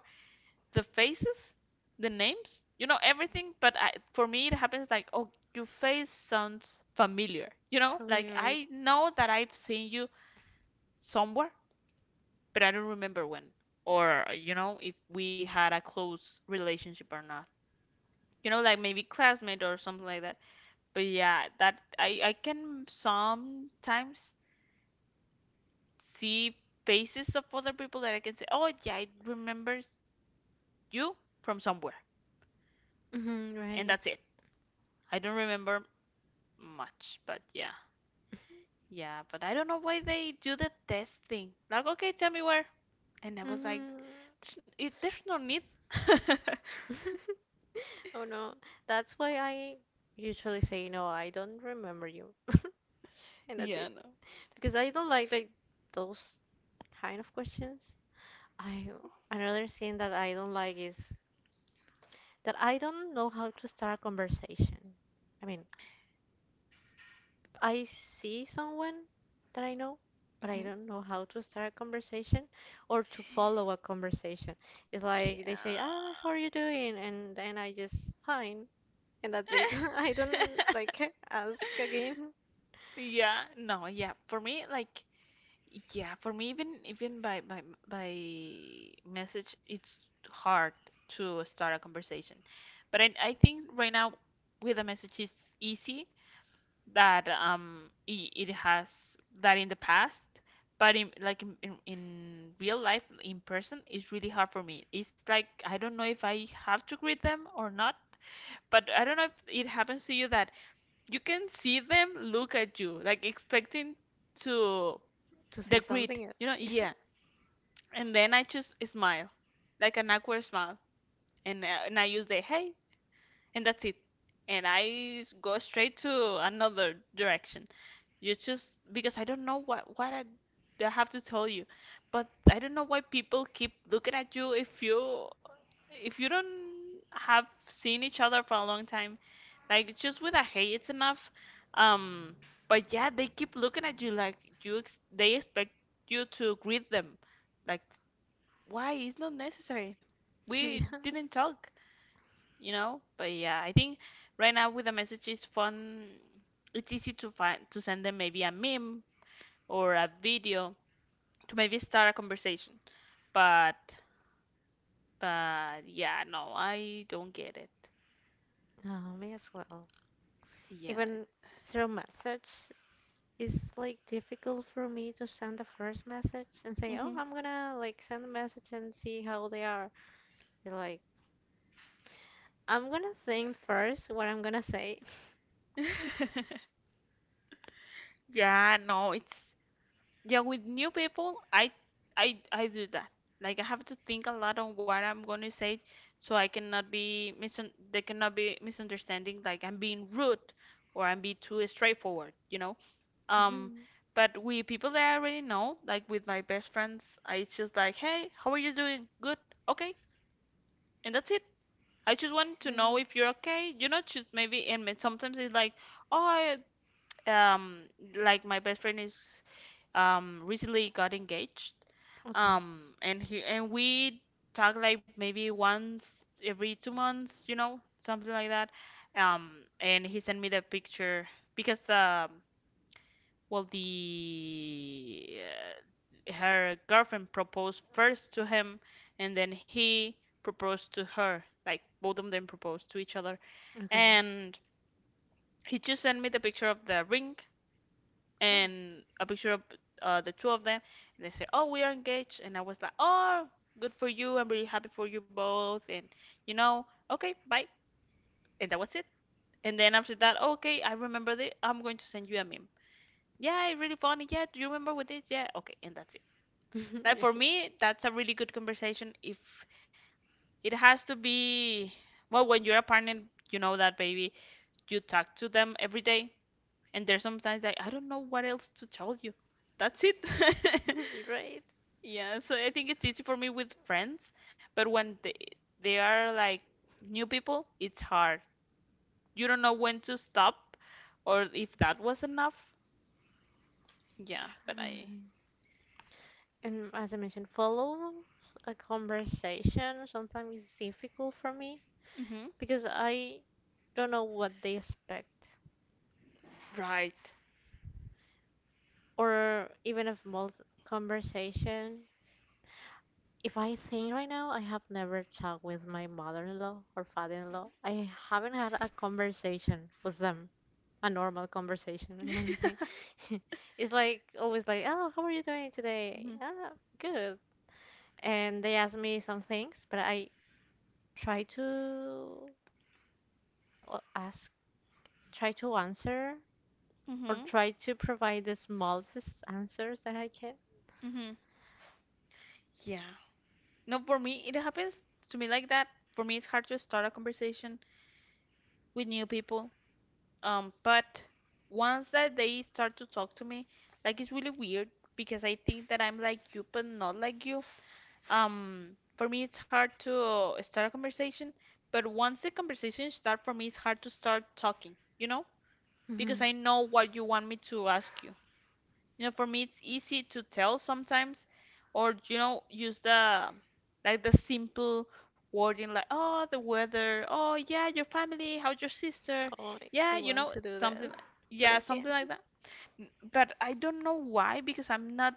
S2: the faces, the names, you know everything. But I, for me, it happens like, oh, your face sounds familiar. You know,
S1: Totally
S2: like
S1: right.
S2: I know that I've seen you somewhere, but I don't remember when. Or you know, if we had a close relationship or not. You know, like maybe classmate or something like that. But yeah, that I I can sometimes see faces of other people that I can say, oh yeah, I remember you from somewhere,
S1: Mm-hmm,
S2: and
S1: right.
S2: that's it. I don't remember much, but yeah, yeah. But I don't know why they do the test thing. Like, okay, tell me where. And I was like,
S1: Mm-hmm.
S2: there's, it, there's no need. *laughs*
S1: *laughs* Oh no, that's why I usually say, no, I don't remember you. And that's it.
S2: Yeah, no.
S1: Because I don't like like those kind of questions. I Another thing that I don't like is that I don't know how to start a conversation. I mean, I see someone that I know, but I
S2: Hmm.
S1: don't know how to start a conversation or to follow a conversation. It's
S2: Yeah.
S1: like they say, "Ah, how are you doing?" and then I just fine, and that's it. *laughs* I don't like ask again
S2: *laughs* Yeah, no, yeah. For me, like, yeah, for me, even even by by by message, it's hard to start a conversation. But I I think right now with a message it's easy that um it, it has that in the past but in like in, in in real life in person it's really hard for me. It's like I don't know if I have to greet them or not, but I don't know if it happens to you that you can see them look at you like expecting to
S1: to say
S2: the greet
S1: something
S2: you know
S1: else.
S2: yeah, and then I just smile like an awkward smile, and, uh, and I use the hey and that's it and i s- go straight to another direction. It's just because I don't know what what I, I have to tell you, but I don't know why people keep looking at you if you if you don't have seen each other for a long time, like just with a hey, it's enough. Um, but yeah, they keep looking at you like you ex they expect you to greet them, like why? It's not necessary.
S1: *laughs*
S2: We
S1: Yeah.
S2: didn't talk, you know. But yeah, I think right now with the messages fun it's easy to find to send them maybe a meme or a video to maybe start a conversation. But but yeah, no, I don't get it.
S1: No, me as well.
S2: Yeah.
S1: Even through message, it's like difficult for me to send the first message and say, "Oh,
S2: Hmm.
S1: I'm gonna like send a message and see how they are." It's like I'm gonna think first what I'm gonna say.
S2: *laughs* Yeah, no, it's yeah, with new people, I I I do that. Like I have to think a lot on what I'm going to say so I cannot be misun they cannot be misunderstanding like I'm being rude or I'm being too straightforward, you know? Um,
S1: Mhm,
S2: but with people that I already know, like with my best friends, I it's just like, hey, how are you doing? Good, okay, and that's it. I just want to
S1: no.
S2: know if you're okay. You know, just maybe, and then sometimes it's like, oh, I, um, like my best friend is, um, recently got engaged,
S1: Okay.
S2: um, and he and we talk like maybe once every two months, you know, something like that. Um, and he sent me the picture because the well, the uh, her girlfriend proposed first to him, and then he proposed to her. Like both of them proposed to each other,
S1: Okay.
S2: and he just sent me the picture of the ring
S1: No.
S2: and a picture of uh, the two of them. And they said, "Oh, we are engaged," and I was like, "Oh, good for you! I'm really happy for you both." And you know, okay, bye, and that was it. And then after that, okay, I remember this. I'm going to send you a meme. Yeah, it's really funny. Yeah, do you remember what this? Yeah, okay, and that's it. Like for
S1: *laughs*
S2: me, that's a really good conversation. If it has to be, well, when you're a partner, you know that baby, you talk to them every day, and there's sometimes like, I don't know what else to tell you. That's it. *laughs*
S1: Right.
S2: Yeah, so I think it's easy for me with friends, but when they they are like new people, it's hard. You don't know when to stop or if that was enough. Yeah, but I.
S1: And as I mentioned, follow a conversation sometimes is difficult for me
S2: Mhm.
S1: because I don't know what they expect.
S2: Right.
S1: Or even a small conversation. If I think right now, I have never talked with my mother-in-law or father-in-law. I haven't had a conversation with them. A normal
S2: *laughs*
S1: conversation, I'm
S2: Mhm.
S1: gonna say. *laughs* It's like always like, oh, how are you doing today? Ah, good. And they ask me some things, but I try to uh, ask, try to answer, or
S2: Mhm.
S1: try to provide the smallest answers that I can.
S2: Mhm. Yeah. No, for me, it happens to me like that. For me, it's hard to start a conversation with new people. Um, but once that they start to talk to me, like it's really weird because I think that I'm like you, but not like you. Um, for me, it's hard to uh, start a conversation, but once the conversation start, for me, it's hard to start talking, you know? Because
S1: Mhm.
S2: I know what you want me to ask you. You know, for me, it's easy to tell sometimes, or you know, use the like the simple wording like, oh, the weather, oh yeah, your family, how's your sister,
S1: Oh, I,
S2: yeah,
S1: I
S2: you
S1: want
S2: know,
S1: to do that,
S2: something,
S1: but
S2: yeah,
S1: I
S2: something
S1: can't.
S2: like that. N- But I don't know why because I'm not,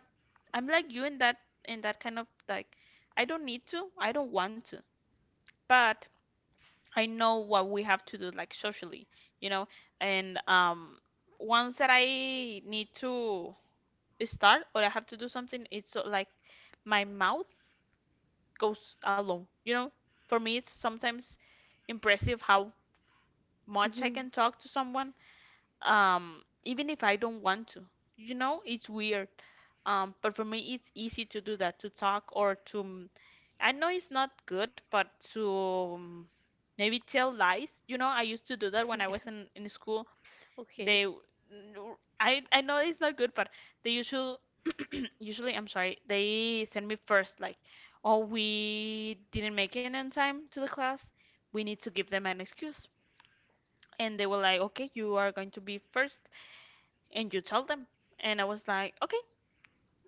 S2: I'm like you in that in that kind of like, I don't need to, I don't want to, but I know what we have to do like socially, you know, and um, once that I need to start or I have to do something, it's so, like my mouth goes alone. You know, for me, it's sometimes impressive how much I can
S1: Mhm.
S2: talk to someone, um, even if I don't want to. You know, it's weird. Um, but for me, it's easy to do that, to talk or to. mm, I know it's not good, but to mm, maybe tell lies. You know, I used to do that when I was
S1: *laughs*
S2: in, in school.
S1: Okay.
S2: They, I, I know it's not good, but they usually usually I'm sorry, they send me first like, oh, we didn't make it on time to the class. We need to give them an excuse. And they were like, okay, you are going to be first and you tell them. And I was like, okay,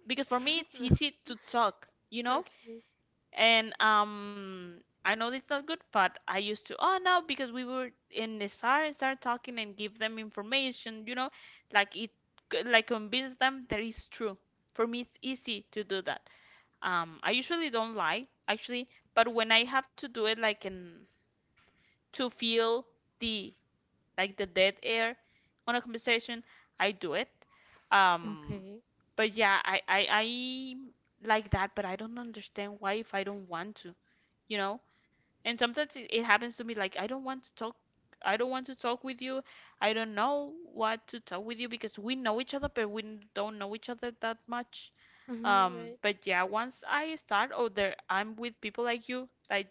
S2: because for me
S1: *laughs*
S2: it's
S1: No.
S2: easy to talk, you know?
S1: Okay.
S2: And um I know it's not good, but I used to, oh no, because we were in the start and start talking and give them information, you know, like it like convince them that it's true. For me it's easy to do that. Um, I usually don't lie, actually, but when I have to do it like in to feel the like the dead air on a conversation, I do it. Um,
S1: Okay.
S2: but yeah, I I, I like that, but I don't understand why if I don't want to, you know? And sometimes it, it happens to me like I don't want to talk I don't want to talk with you. I don't know what to talk with you because we know each other, but we don't know each other that much.
S1: Hmm.
S2: Um,
S1: Right.
S2: but yeah, once I start oh, there I'm with people like you, like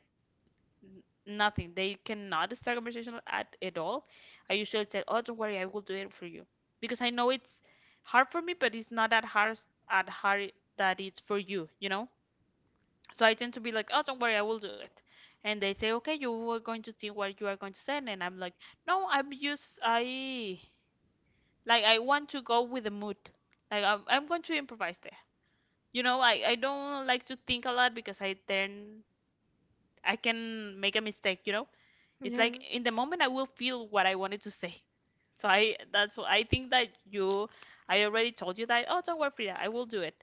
S2: n- nothing. They cannot start conversation at at all. I usually tell, oh, don't worry, I will do it for you because I know it's hard for me, but it's not that hard at hard that it's for you, you know. So I tend to be like, oh, don't worry, I will do it. And they say, okay, you were going to see what you are going to send, and I'm like, no, I'm just I like I want to go with the mood. Like I'm I'm going to improvise you know, I, I don't like to think a lot because I then I can make a mistake, you know? It's
S1: Yeah.
S2: like in the moment I will feel what I wanted to say. So I that's why I think that you I already told you that, oh, don't worry, Frida, I will do it.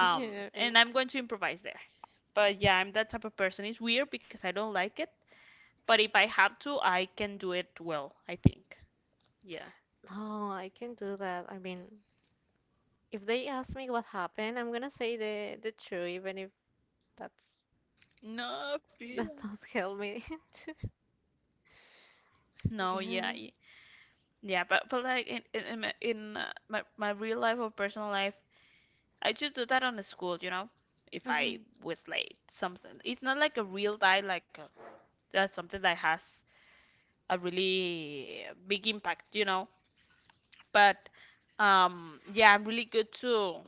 S1: *laughs* Yeah,
S2: and
S1: right.
S2: I'm going to improvise there. But yeah, I'm that type of person. It's weird because I don't like it, but if I have to, I can do it well, I think. Yeah.
S1: No, I can do that. I mean, if they ask me what happened, I'm gonna say the the truth, even if that's
S2: No,
S1: *laughs* that
S2: Frida.
S1: not help me. *laughs* To-
S2: No, yeah,
S1: yeah.
S2: y- yeah, but but like in in in, my- in uh, my my real life or personal life, I just do that on the school, you know, if I
S1: Hmm.
S2: was late, something. It's not like a real die, like a, that's something that has a really big impact, you know. But um, yeah, I'm really good to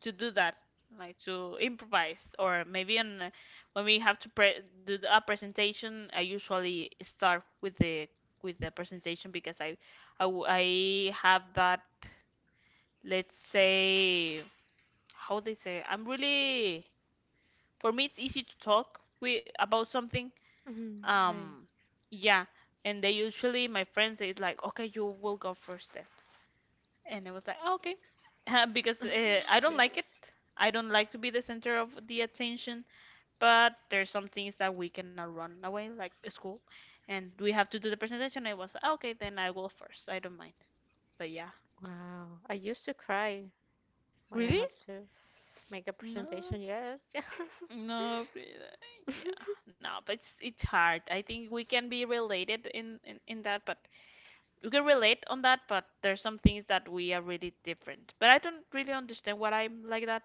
S2: to do that, like to improvise, or maybe on uh, when we have to pre do the- a presentation, I usually start with the with the presentation because I I, w- I have that, let's say, how they say, I'm really for me it's easy to talk with about something
S1: Hmm. Right.
S2: um yeah and they usually my friends is like okay you will go first then and I was like, "Oh, okay." *laughs* Because uh, I
S1: *laughs*
S2: don't like
S1: Yeah.
S2: it, I don't like to be the center of the attention, but there's some things that we cannot run away like school, and we have to do the presentation. I was like, "Ah, okay then I will first I don't mind." But yeah,
S1: Wow. I used to cry when I
S2: really.
S1: have to make a
S2: No,
S1: presentation. Yes. *laughs*
S2: no Frida. Yeah, no, but it's it's hard. I think we can be related in in, in that but we can relate on that, but there's some things that we are really different. But I don't really understand why I'm like that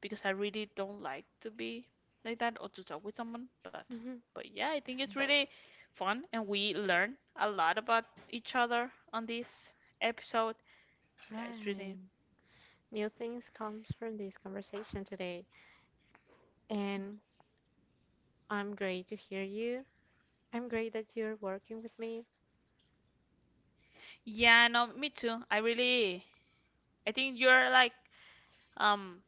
S2: because I really don't like to be like that or to talk with someone. But
S1: Mhm.
S2: but yeah, I think it's
S1: Right.
S2: really fun and we learn a lot about each other on this episode. Yeah, it's really
S1: Right. New things comes from this conversation today, and I'm great to hear you. I'm great that you're working with me.
S2: yeah, no, me too. I really I think you're like um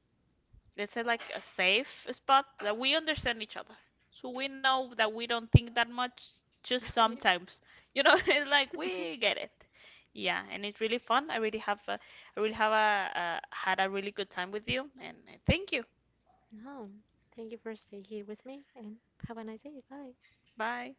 S2: let's say like a safe spot that we understand each other so we know that we don't think that much just
S1: *laughs*
S2: sometimes you know *laughs* it's like we get it yeah and it's really fun i really have a, I really have a, uh had a really good time with you and uh, thank you.
S1: No. Thank you for staying here with me and have a nice day. Bye.
S2: Bye.